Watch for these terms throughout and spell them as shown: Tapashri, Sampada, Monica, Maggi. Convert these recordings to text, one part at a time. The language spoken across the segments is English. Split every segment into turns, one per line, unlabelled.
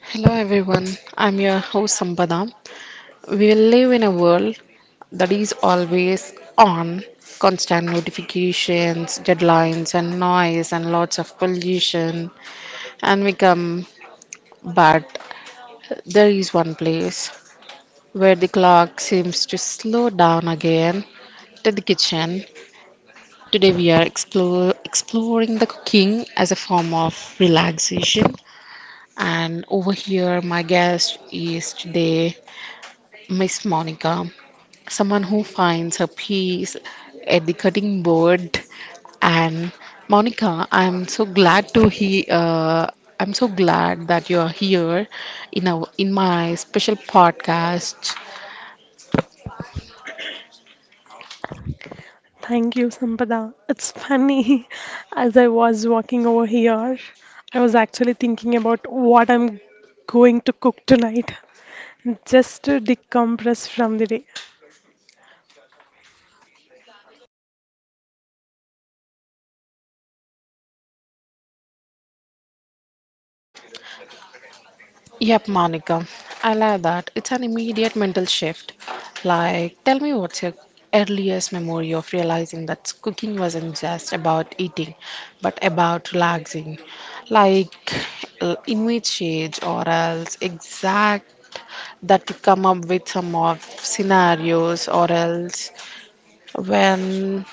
Hello everyone, I'm your host Sampada. We will live in a world that is always on, constant notifications, deadlines, and noise, and lots of pollution. And we come, but there is one place where the clock seems to slow down again to the kitchen. Today we are exploring the cooking as a form of relaxation. And over here, my guest is today Miss Monica, someone who finds her peace at the cutting board. And Monica, I'm so glad to he. I'm so glad that you are here in our in my special podcast.
Thank you, Sampada. It's funny, as I was walking over here, I was actually thinking about what I'm going to cook tonight just to decompress from the day.
Yep, Monica. I love that. It's an immediate mental shift. Like, tell me what's your earliest memory of realizing that cooking wasn't just about eating, but about relaxing. Like, image age or else exact that you come up with some of scenarios, or else when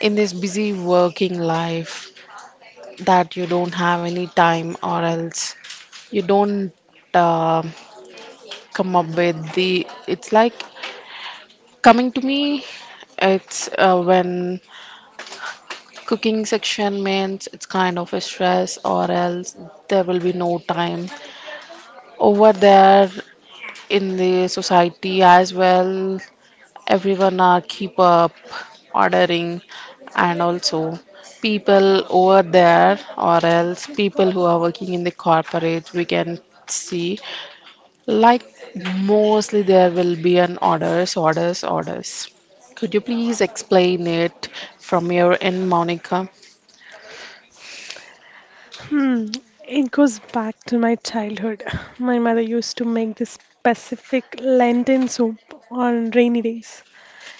in this busy working life that you don't have any time, or else you don't. um Come up with the it's like coming to me it's when cooking section means it's kind of a stress or else there will be no time over there in the society as well, everyone are keep up ordering, and also people over there or else people who are working in the corporate we can see, like, mostly there will be an orders, orders, orders. Could you please explain it from your end, Monica?
Hmm, it goes back to my childhood. My mother used to make this specific Lenten soup on rainy days.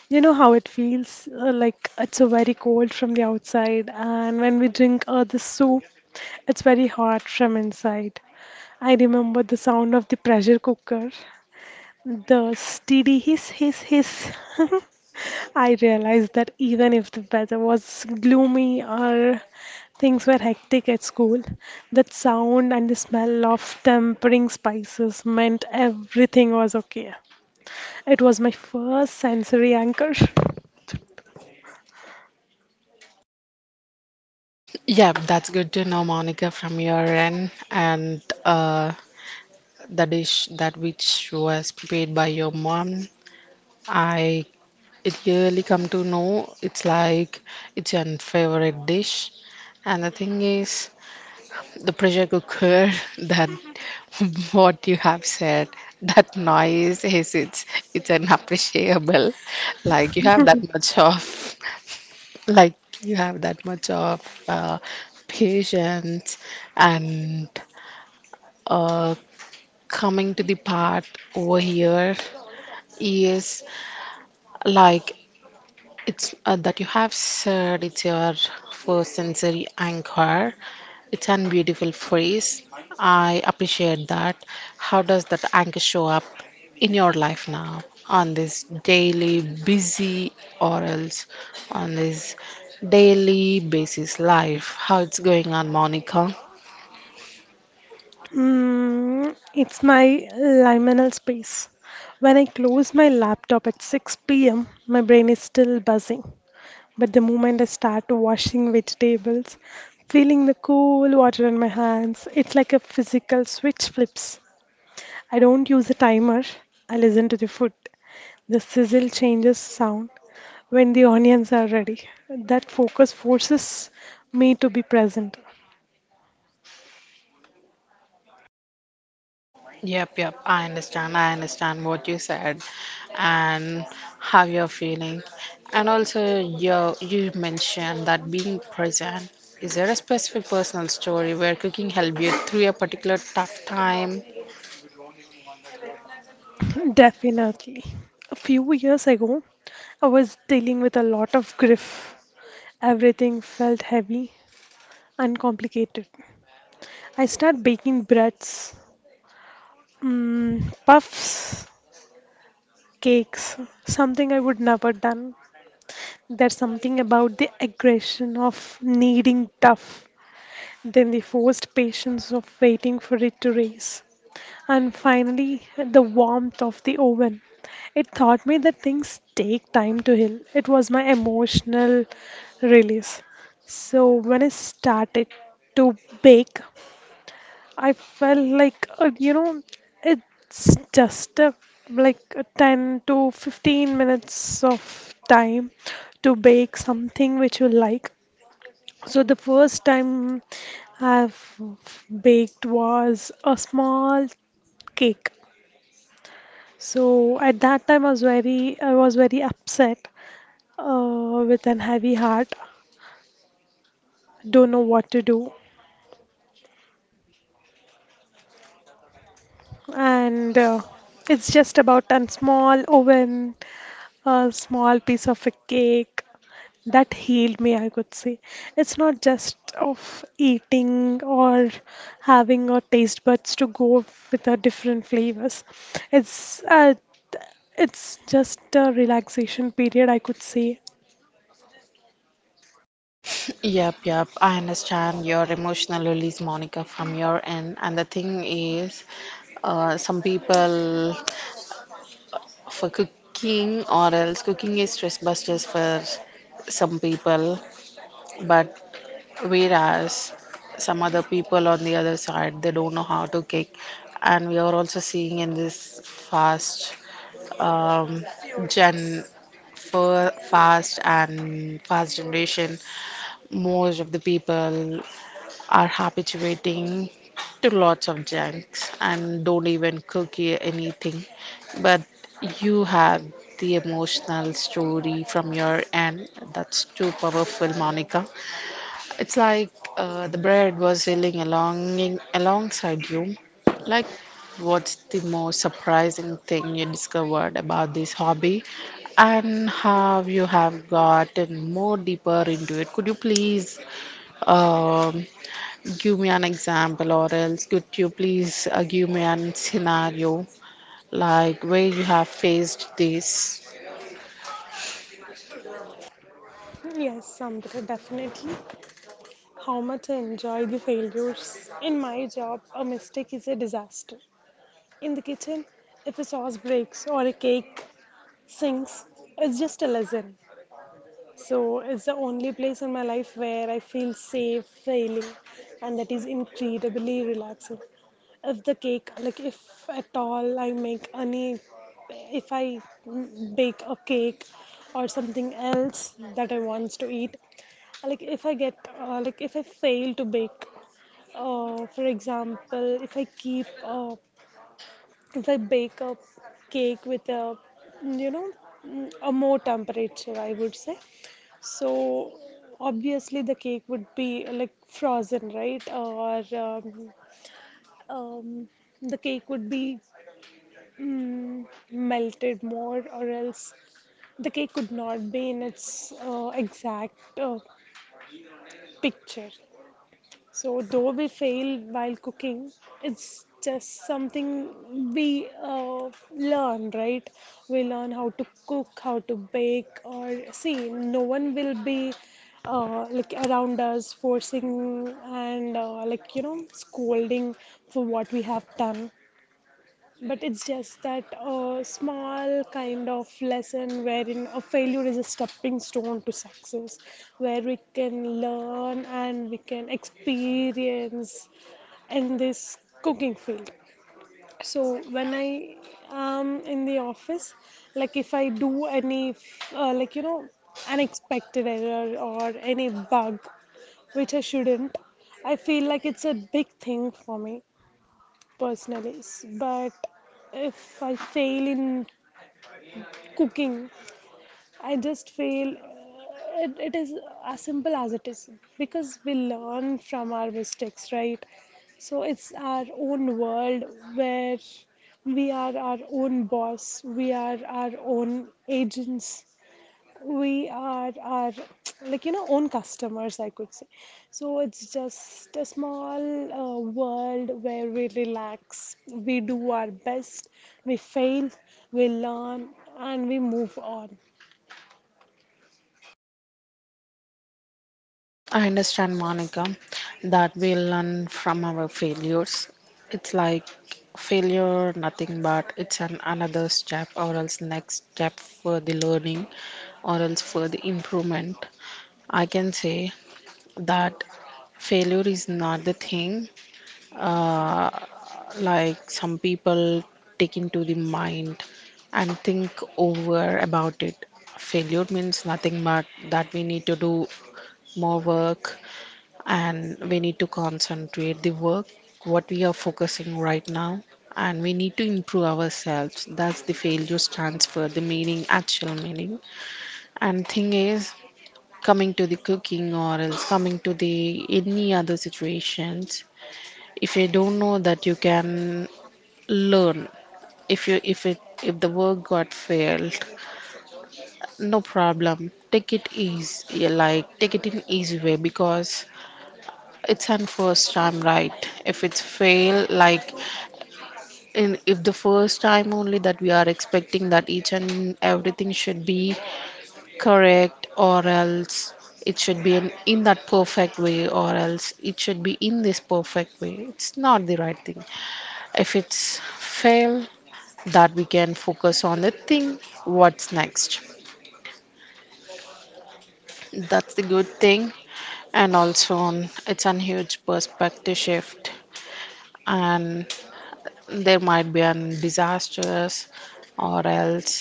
You know how it feels like it's a very cold from the outside, and when we drink the soup, it's very hot from inside. I remember the sound of the pressure cooker, the steady hiss, hiss, hiss. I realized that even if the weather was gloomy or things were hectic at school, that sound and the smell of tempering spices meant everything was okay. It was my first sensory anchor.
Yeah, that's good to know, Monica, from your end, and the dish that which was prepared by your mom. I it really come to know it's like it's your favorite dish, and the thing is, the pressure cooker that what you have said that noise is it's unappreciable like you have that much of like you have that much of uh, patience, and uh, coming to the part over here is like, it's, that you have said it's your first sensory anchor. It's an beautiful phrase. I appreciate that. How does that anchor show up in your life now on this daily busy or else on this daily basis life? How it's going on, Monica?
It's my liminal space. When I close my laptop at 6 p.m., my brain is still buzzing. But the moment I start washing vegetables, feeling the cool water on my hands, it's like a physical switch flips. I don't use a timer, I listen to the food. The sizzle changes sound when the onions are ready. That focus forces me to be present.
Yep, yep, I understand. I understand what you said and how you're feeling. And also, you mentioned that being present. Is there a specific personal story where cooking helped you through a particular tough time?
Definitely. A few years ago, I was dealing with a lot of grief. Everything felt heavy and complicated. I started baking breads, puffs, cakes, something I would never done. There's something about the aggression of needing tough, then the forced patience of waiting for it to raise, and finally the warmth of the oven. It taught me that things take time to heal. It was my emotional release. So when I started to bake, I felt like, it's just like a 10 to 15 minutes of time to bake something which you like. So the first time I've baked was a small cake. So at that time I was very upset with an heavy heart. Don't know what to do. And it's just about a small oven, a small piece of a cake. That healed me, I could say. It's not just of eating or having our taste buds to go with a different flavors. It's uh, it's just a relaxation period, I could say.
Yep, yep, I understand your emotional release, Monica, from your end. And the thing is, some people for cooking or else cooking is stress busters for some people, but whereas some other people on the other side, they don't know how to kick. And we are also seeing in this fast um, gen, for fast and fast generation, most of the people are habituating to lots of junks and don't even cook anything. But you have the emotional story from your end. That's too powerful, Monica. It's like the bread was healing alongside you. Like, what's the most surprising thing you discovered about this hobby, and how you have gotten more deeper into it? Could you please um, give me an example, or else could you please give me an scenario like where you have faced this?
Yes, Samdra, definitely. How much I enjoy the failures. In my job, a mistake is a disaster. In the kitchen, if a sauce breaks or a cake sinks, it's just a lesson. So it's the only place in my life where I feel safe failing, and that is incredibly relaxing. If the cake, like if at all I make any, if I bake a cake or something else that I want to eat, like if I get, like if I fail to bake, for example, if I keep, if I bake a cake with a, you know, mm, a more temperature, I would say so obviously the cake would be like frozen, right? Or um, the cake would be melted more, or else the cake could not be in its exact picture. So, though we fail while cooking, it's just something we learn, right? We learn how to cook, how to bake, or see, no one will be like around us forcing and like scolding for what we have done. But it's just that small kind of lesson wherein a failure is a stepping stone to success, where we can learn and we can experience in this cooking field. So when I am in the office, like if I do any, uh, like you know, unexpected error or any bug which I shouldn't, I feel like it's a big thing for me personally. But if I fail in cooking, I just fail. It is as simple as it is because we learn from our mistakes, right? So it's our own world where we are our own boss, we are our own agents, we are our, like, own customers, I could say. So it's just a small world where we relax, we do our best, we fail, we learn, and we move on.
I understand, Monica, that we learn from our failures. It's like failure, nothing but it's an another step, or else next step for the learning, or else for the improvement. I can say that failure is not the thing uh, like some people take into the mind and think over about it. Failure means nothing but that we need to do more work, and we need to concentrate the work what we are focusing right now, and we need to improve ourselves. That's the failure stands for the meaning, actual meaning. And thing is, coming to the cooking or else coming to the any other situations, if you don't know that you can learn, if you if it if the work got failed, no problem, take it easy, like take it in easy way, because it's an first time, right? If it's fail, like in, if the first time only that we are expecting that each and everything should be correct, or else it should be in that perfect way, or else it should be in this perfect way. It's not the right thing. If it's fail, that we can focus on the thing, what's next. That's the good thing, and also on it's a huge perspective shift, and there might be an disasters or else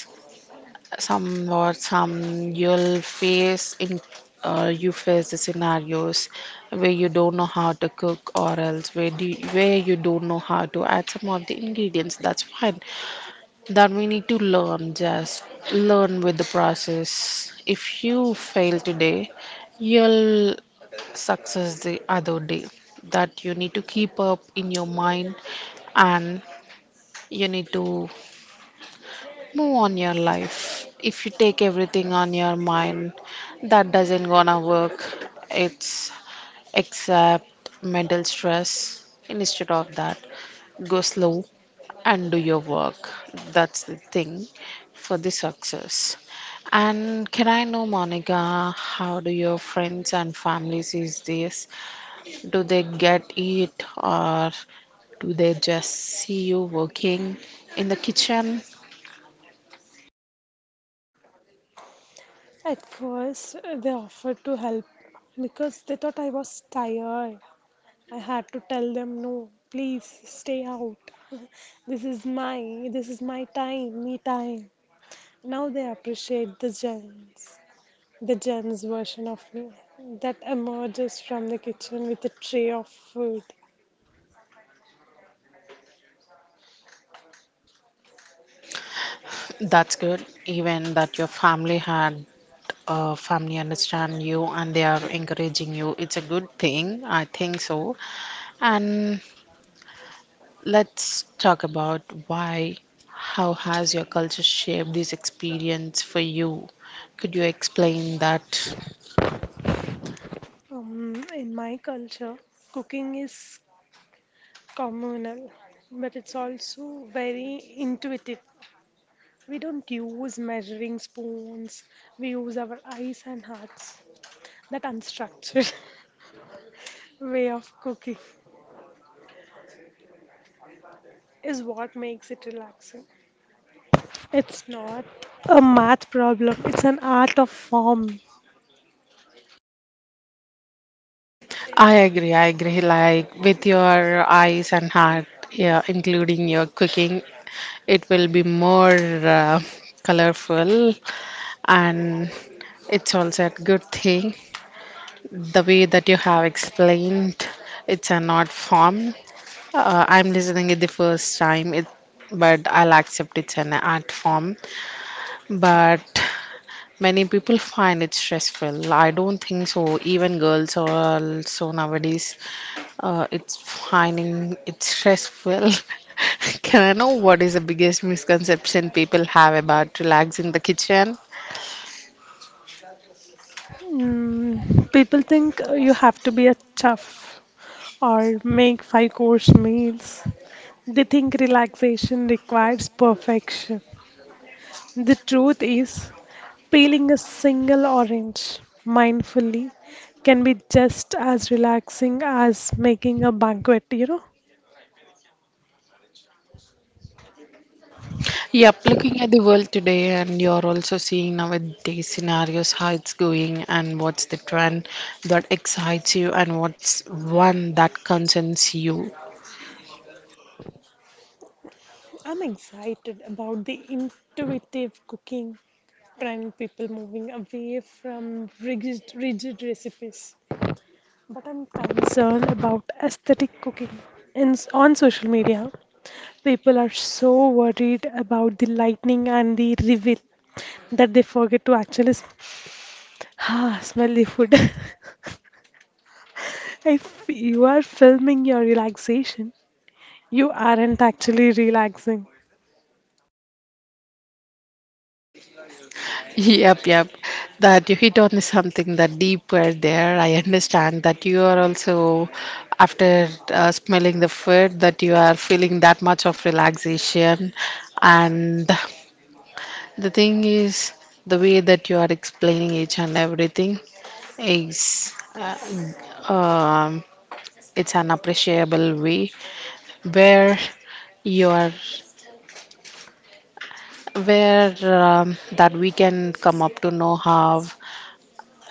some you'll face in, you face the scenarios where you don't know how to cook or else where you don't know how to add some of the ingredients, that's fine, that we need to learn, just learn with the process. If you fail today, you'll success the other day, that you need to keep up in your mind, and you need to move on your life. If you take everything on your mind, that doesn't gonna work. It's except mental stress. Instead of that, go slow and do your work. That's the thing for the success. And can I know, Monica, how do your friends and family sees this? Do they get it, or do they just see you working in the kitchen?
At first, they offered to help because they thought I was tired. I had to tell them no, please stay out. This is my time, me time. Now they appreciate the gems, the Jen's version of me that emerges from the kitchen with a tray of food.
That's good. Even that your family had family understand you, and they are encouraging you. It's a good thing. I think so. And let's talk about why. How has your culture shaped this experience for you? Could you explain that?
In my culture, cooking is communal, but it's also very intuitive. We don't use measuring spoons, we use our eyes and hearts. That unstructured way of cooking is what makes it relaxing. It's not a math problem, it's an art of form.
I agree, I agree. Like, with your eyes and heart, yeah, including your cooking, it will be more colorful, and it's also a good thing. The way that you have explained, it's an art form. I'm listening it the first time, but I'll accept it's an art form. But many people find it stressful. I don't think so. Even girls are also nowadays, it's finding it stressful. Can I know what is the biggest misconception people have about relax in the kitchen?
People think you have to be a chef or make five course meals. They think relaxation requires perfection. The truth is, peeling a single orange mindfully can be just as relaxing as making a banquet, you know?
Yep, looking at the world today, and you're also seeing nowadays scenarios how it's going and what's the trend that excites you and what's one that concerns you.
I'm excited about the intuitive cooking trend, people moving away from rigid recipes. But I'm concerned about aesthetic cooking. On social media, people are so worried about the lightning and the reveal that they forget to actually smell the food. If you are filming your relaxation, you aren't actually relaxing.
Yep, yep. That you hit on something that deeper there. I understand that you are also, after smelling the food, that you are feeling that much of relaxation. And the thing is, the way that you are explaining each and everything is, it's an appreciable way where you are, where that we can come up to know how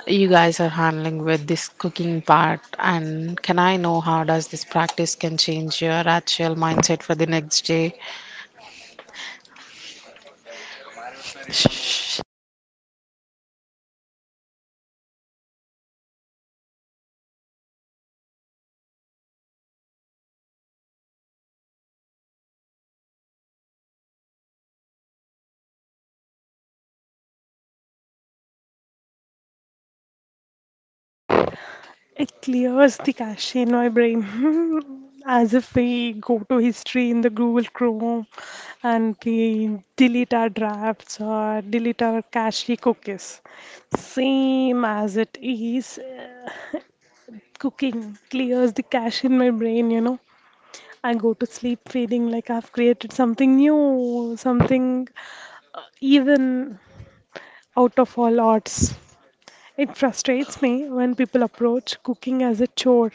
you guys are handling with this cooking part, and can I know how does this practice can change your actual mindset for the next day? Shh.
It clears the cache in my brain as if we go to history in the Google Chrome and we delete our drafts or delete our cache cookies. Same as it is, cooking clears the cache in my brain. I go to sleep feeling like I've created something new, something even out of all odds. It frustrates me when people approach cooking as a chore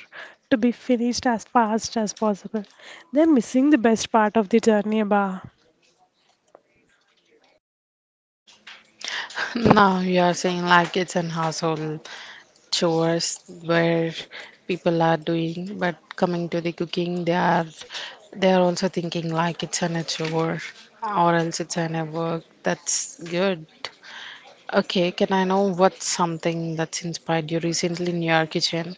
to be finished as fast as possible. They're missing the best part of the journey, Bah.
Now you are saying like it's an household chores where people are doing, but coming to the cooking, they are also thinking like it's an a chore or else it's an a work. That's good. Okay, can I know what's something that's inspired you recently in your kitchen?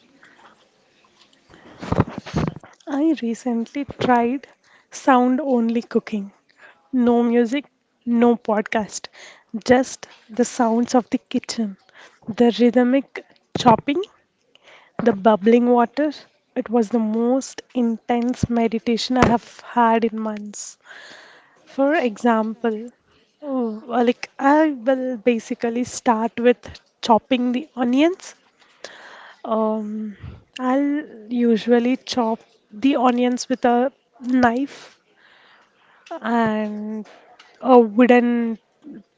I recently tried sound only cooking. No music, no podcast, just the sounds of the kitchen, the rhythmic chopping, the bubbling water. It was the most intense meditation I have had in months. For example, oh, like I will basically start with chopping the onions. Um, I'll usually chop the onions with a knife and a wooden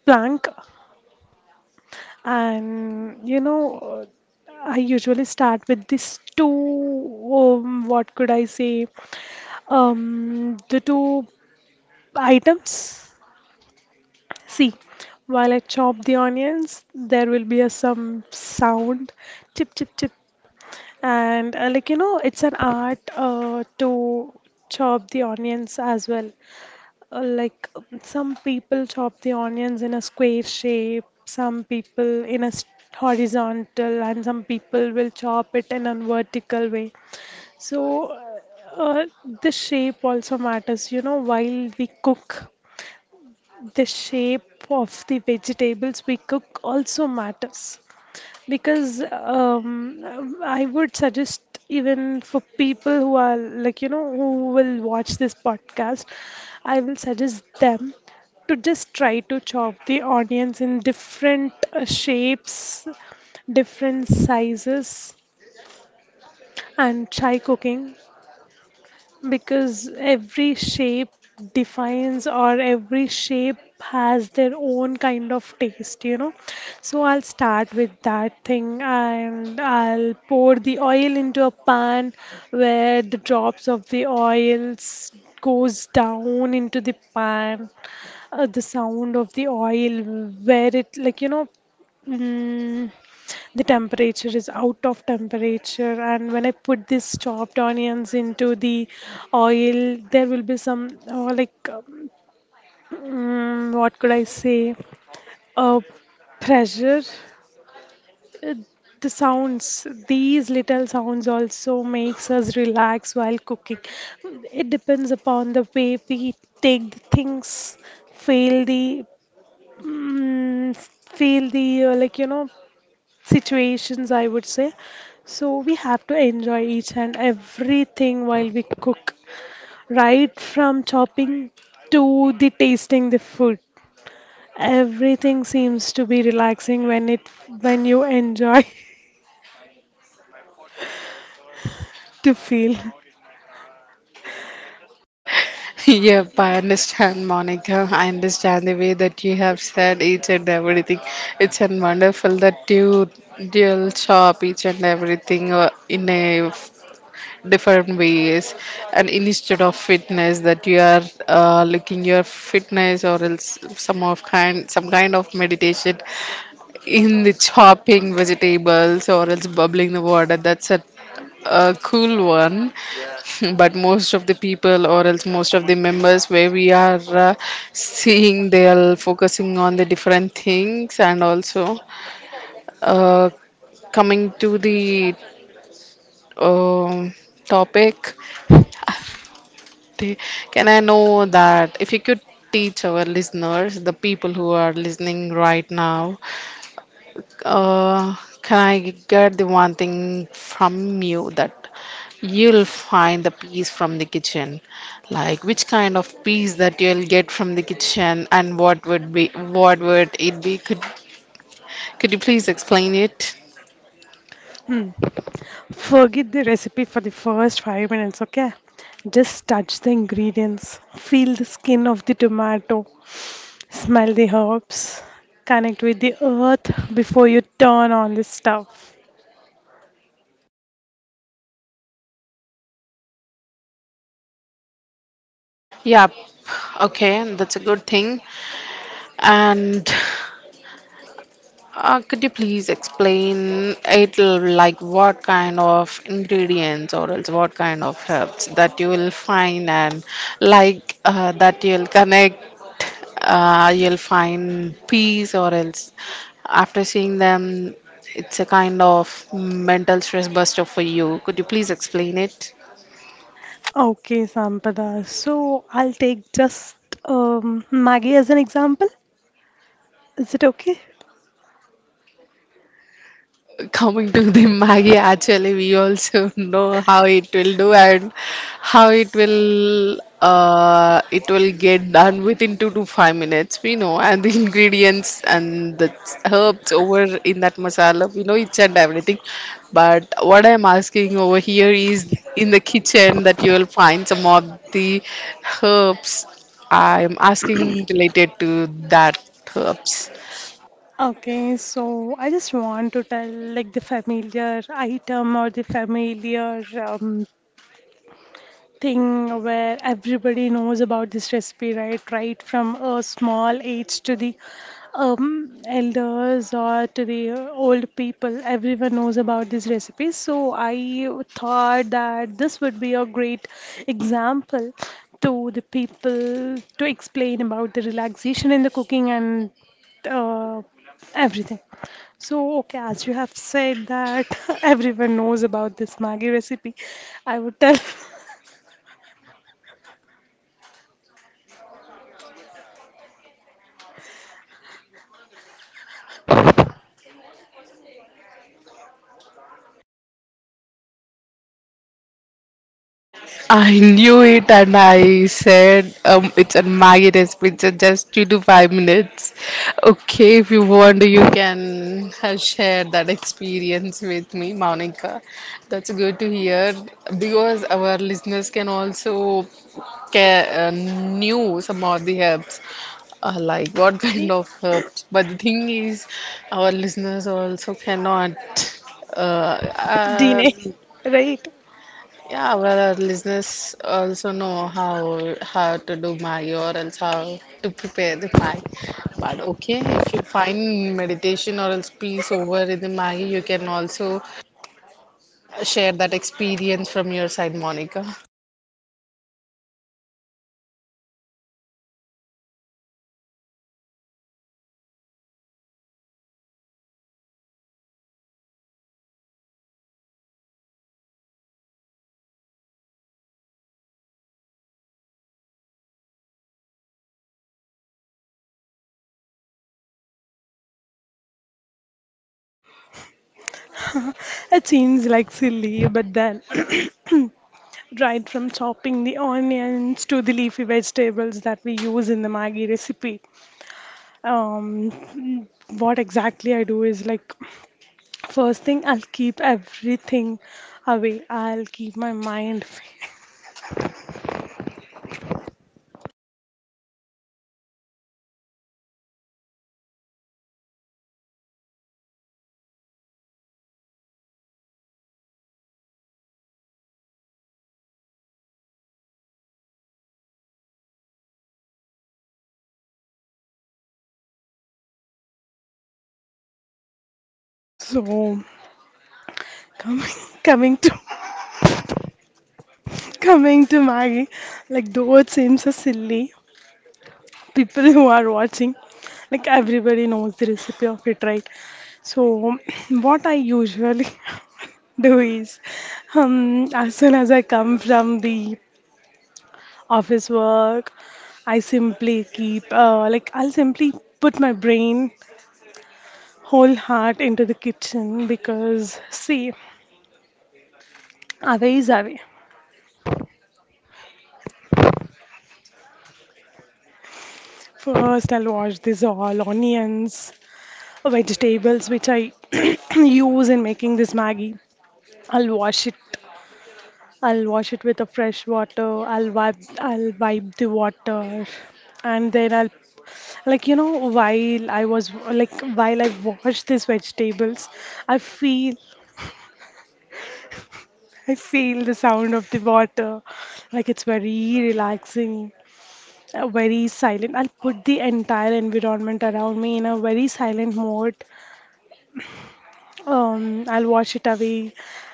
plank. And I usually start with these two, what could I say, the two items. See, while I chop the onions, there will be a some sound, chip chip chip, and like it's an art to chop the onions as well. Like some people chop the onions in a square shape, some people in a horizontal, and some people will chop it in a vertical way. So the shape also matters, you know, while we cook the shape of the vegetables we cook also matters because I would suggest even for people who are like who will watch this podcast, I will suggest them to just try to chop the onions in different shapes, different sizes, and try cooking. Because every shape defines or every shape has their own kind of taste. So I'll start with that thing, and I'll pour the oil into a pan where the drops of the oils goes down into the pan. The sound of the oil where it Mm, the temperature is out of temperature, and when I put these chopped onions into the oil, there will be some like what could I say? Uh, Pressure. Uh, The sounds, these little sounds also makes us relax while cooking. It depends upon the way we take the things, feel the mm, feel the like situations, I would say. So we have to enjoy each and everything while we cook, right from chopping to the tasting the food. Everything seems to be relaxing when you enjoy to feel.
Yep, I understand, Monica. I understand the way that you have said each and everything. It's an wonderful that you'll shop each and everything in a different ways, and instead of fitness that you are looking your fitness or else some kind of meditation in the chopping vegetables or else bubbling the water, that's a cool one. But most of the people or else most of the members where we are seeing, they are focusing on the different things, and also uh, coming to the um topic. Namaste. Can I know that if you could teach our listeners, the people who are listening right now, uh, can I get the one thing from you that you'll find the peace from the kitchen? Like, which kind of peace that you'll get from the kitchen, and what would it be? Could you please explain it?
Hmm. Forget the recipe for the first 5 minutes, okay? Just touch the ingredients, feel the skin of the tomato, smell the herbs, connect with the earth before you turn on the stove.
Yeah. Okay, that's a good thing. And could you please explain it like what kind of ingredients or else what kind of herbs that you will find, and like, that you'll connect, you'll find peace or else after seeing them, it's a kind of mental stress buster for you. Could you please explain it?
Okay, Sampada. So I'll take just Maggie as an example. Is it okay?
Coming to the Maggie, actually, we also know how it will do, and how it will get done within 2 to 5 minutes. We know, and the ingredients and the herbs over in that masala, we know each and everything. But what I'm asking over here is, in the kitchen that you will find some of the herbs, I'm asking related to that herbs.
Okay, so I just want to tell like the familiar item or the familiar thing where everybody knows about this recipe, right? Right from a small age to the elders or to the old people, everyone knows about this recipe. So I thought that this would be a great example to the people to explain about the relaxation in the cooking and uh, everything. So, okay, as you have said that everyone knows about this Maggi recipe, I would tell.
I knew it, and I said it's a Maggie recipe. It's just 2 to 5 minutes. Okay, if you want, you can share that experience with me, Monica. That's good to hear, because our listeners can also knew some of the herbs. Like, what kind of herbs? But the thing is, our listeners also cannot uh, uh,
Dine, right?
yeah, well, our listeners also know how to do Maggi or else how to prepare the Maggi. But okay, if you find meditation or else peace over in the Maggi, you can also share that experience from your side, Monica.
It seems like silly, but then, right from chopping the onions to the leafy vegetables that we use in the Maggi recipe, um, what exactly I do is like first thing, I'll keep everything away, I'll keep my mind. So, coming, coming to coming to Maggi, like though it seems so silly, people who are watching like everybody knows the recipe of it, right? So what I usually do is as soon as I come from the office work, I simply keep like I'll simply put my brain, whole heart into the kitchen because see away is away. First I'll wash these all onions, vegetables which I use in making this Maggie. I'll wash it. I'll wash it with a fresh water. I'll wipe. I'll wipe the water, and then I'll, like while I wash these vegetables, I feel I feel the sound of the water, like it's very relaxing, very silent. I'll put the entire environment around me in a very silent mode, I'll wash it away.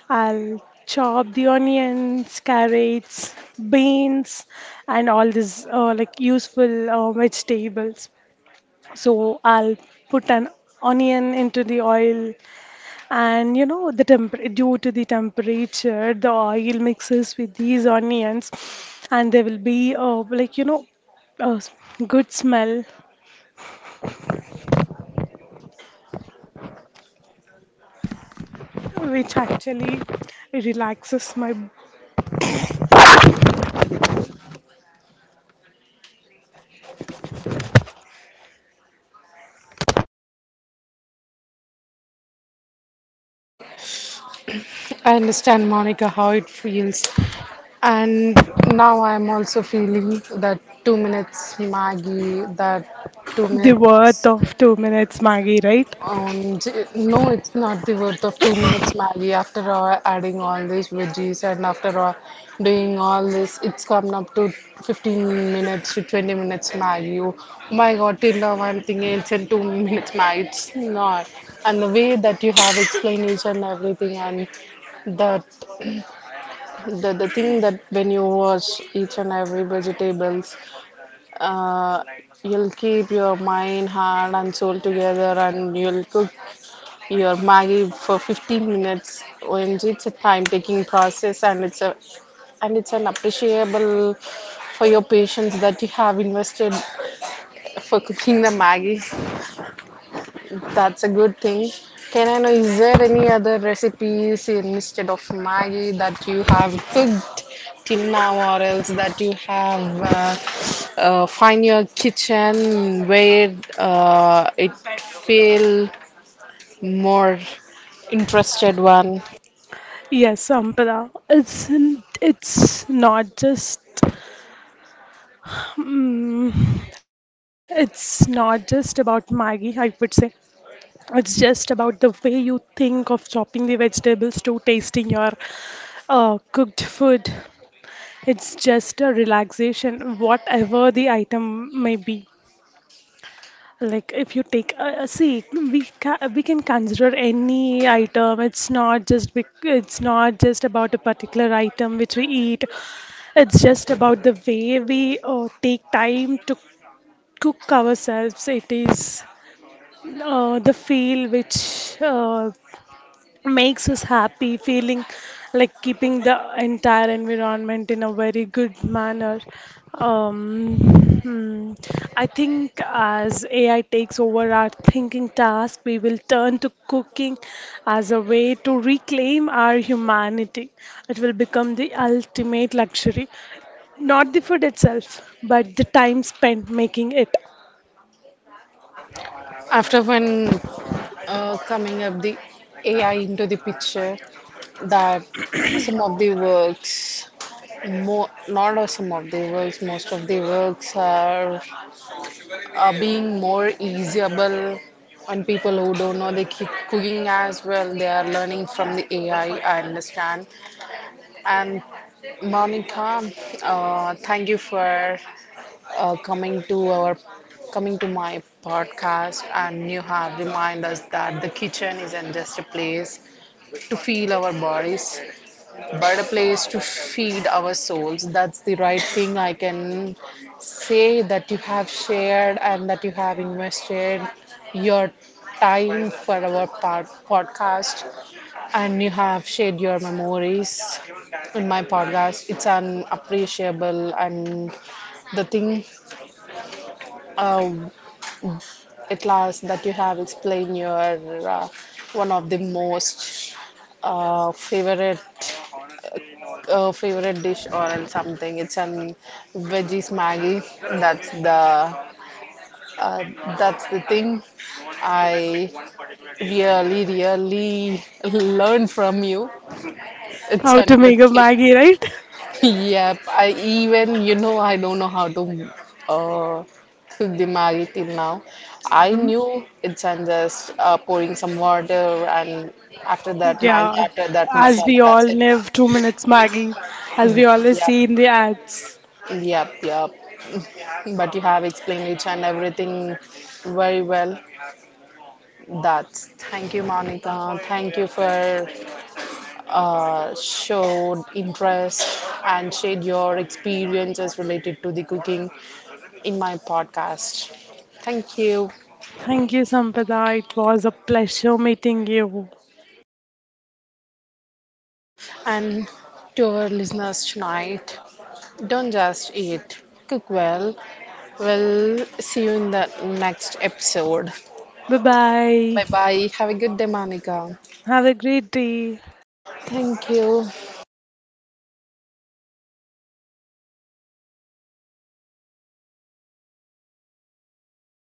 I'll chop the onions, carrots, beans, and all these like useful vegetables. So I'll put an onion into the oil, and the temper due to the temperature, the oil mixes with these onions, and there will be like a good smell, which actually relaxes my.
I understand, Monica, how it feels. And now I'm also feeling that 2 minutes Maggie, that two
The worth
minutes.
of 2 minutes Maggie, right?
No, it's not the worth of 2 minutes Maggie. After all, adding all these veggies, and after all, doing all this, it's come up to 15 minutes to 20 minutes Maggie. Oh my God, till now I'm thinking it's in 2 minutes Maggie. It's not. And the way that you have explained each and everything, and that the thing that when you wash each and every vegetables, uh, you'll keep your mind, heart, and soul together, and you'll cook your Maggie for 15 minutes. OMG, it's a time-taking process, and it's a and it's an appreciable for your patience that you have invested for cooking the Maggie. That's a good thing. Can I know, is there any other recipes instead of Maggie that you have cooked till now, or else that you have find your kitchen where it feel more interested one?
Yes, Sampara. It's not just mm, it's not just about Maggie, I would say. It's just about the way you think of chopping the vegetables to tasting your cooked food. It's just a relaxation, whatever the item may be. Like if you take see we can consider any item. It's not just about a particular item which we eat. It's just about the way we take time to cook ourselves. It is the feel which uh, makes us happy feeling like keeping the entire environment in a very good manner um, hmm, I think as AI takes over our thinking task, we will turn to cooking as a way to reclaim our humanity. It will become the ultimate luxury, not the food itself but the time spent making it.
After when coming up the AI into the picture, that some of the works, more not all, some of the works, most of the works are being more easyable. And people who don't know they keep cooking as well, they are learning from the AI. I understand. And Monica, thank you for uh, coming to our coming to my podcast, and you have reminded us that the kitchen isn't just a place to feel our bodies but a place to feed our souls. That's the right thing, I can say, that you have shared, and that you have invested your time for our podcast, and you have shared your memories in my podcast. It's unappreciable, and the thing, uh, at last, that you have explained your one of the most uh, favorite favorite dish or else something. It's an veggies Maggie. That's the that's the thing I really really learned from you. It's
How
a
to
good
make a
thing.
Maggie, right?
Yep, I don't know how to uh, cook the Maggi till now. I knew it's, and just pouring some water, and after that Maggi,
Yeah,
after that
as
masala,
we all
that's it.
live 2 minutes, Maggie, as we always
Yep,
see in the ads.
yep, yep. But you have explained each and everything very well. That's thank you, Monica. Thank you for showed interest and shared your experiences related to the cooking in my podcast. Thank you.
Thank you, Sampada. It was a pleasure meeting you.
And to our listeners tonight, don't just eat, cook well. We'll see you in the next episode.
Bye
Bye
bye.
bye. Have a good day, Monica.
Have a great day.
Thank you.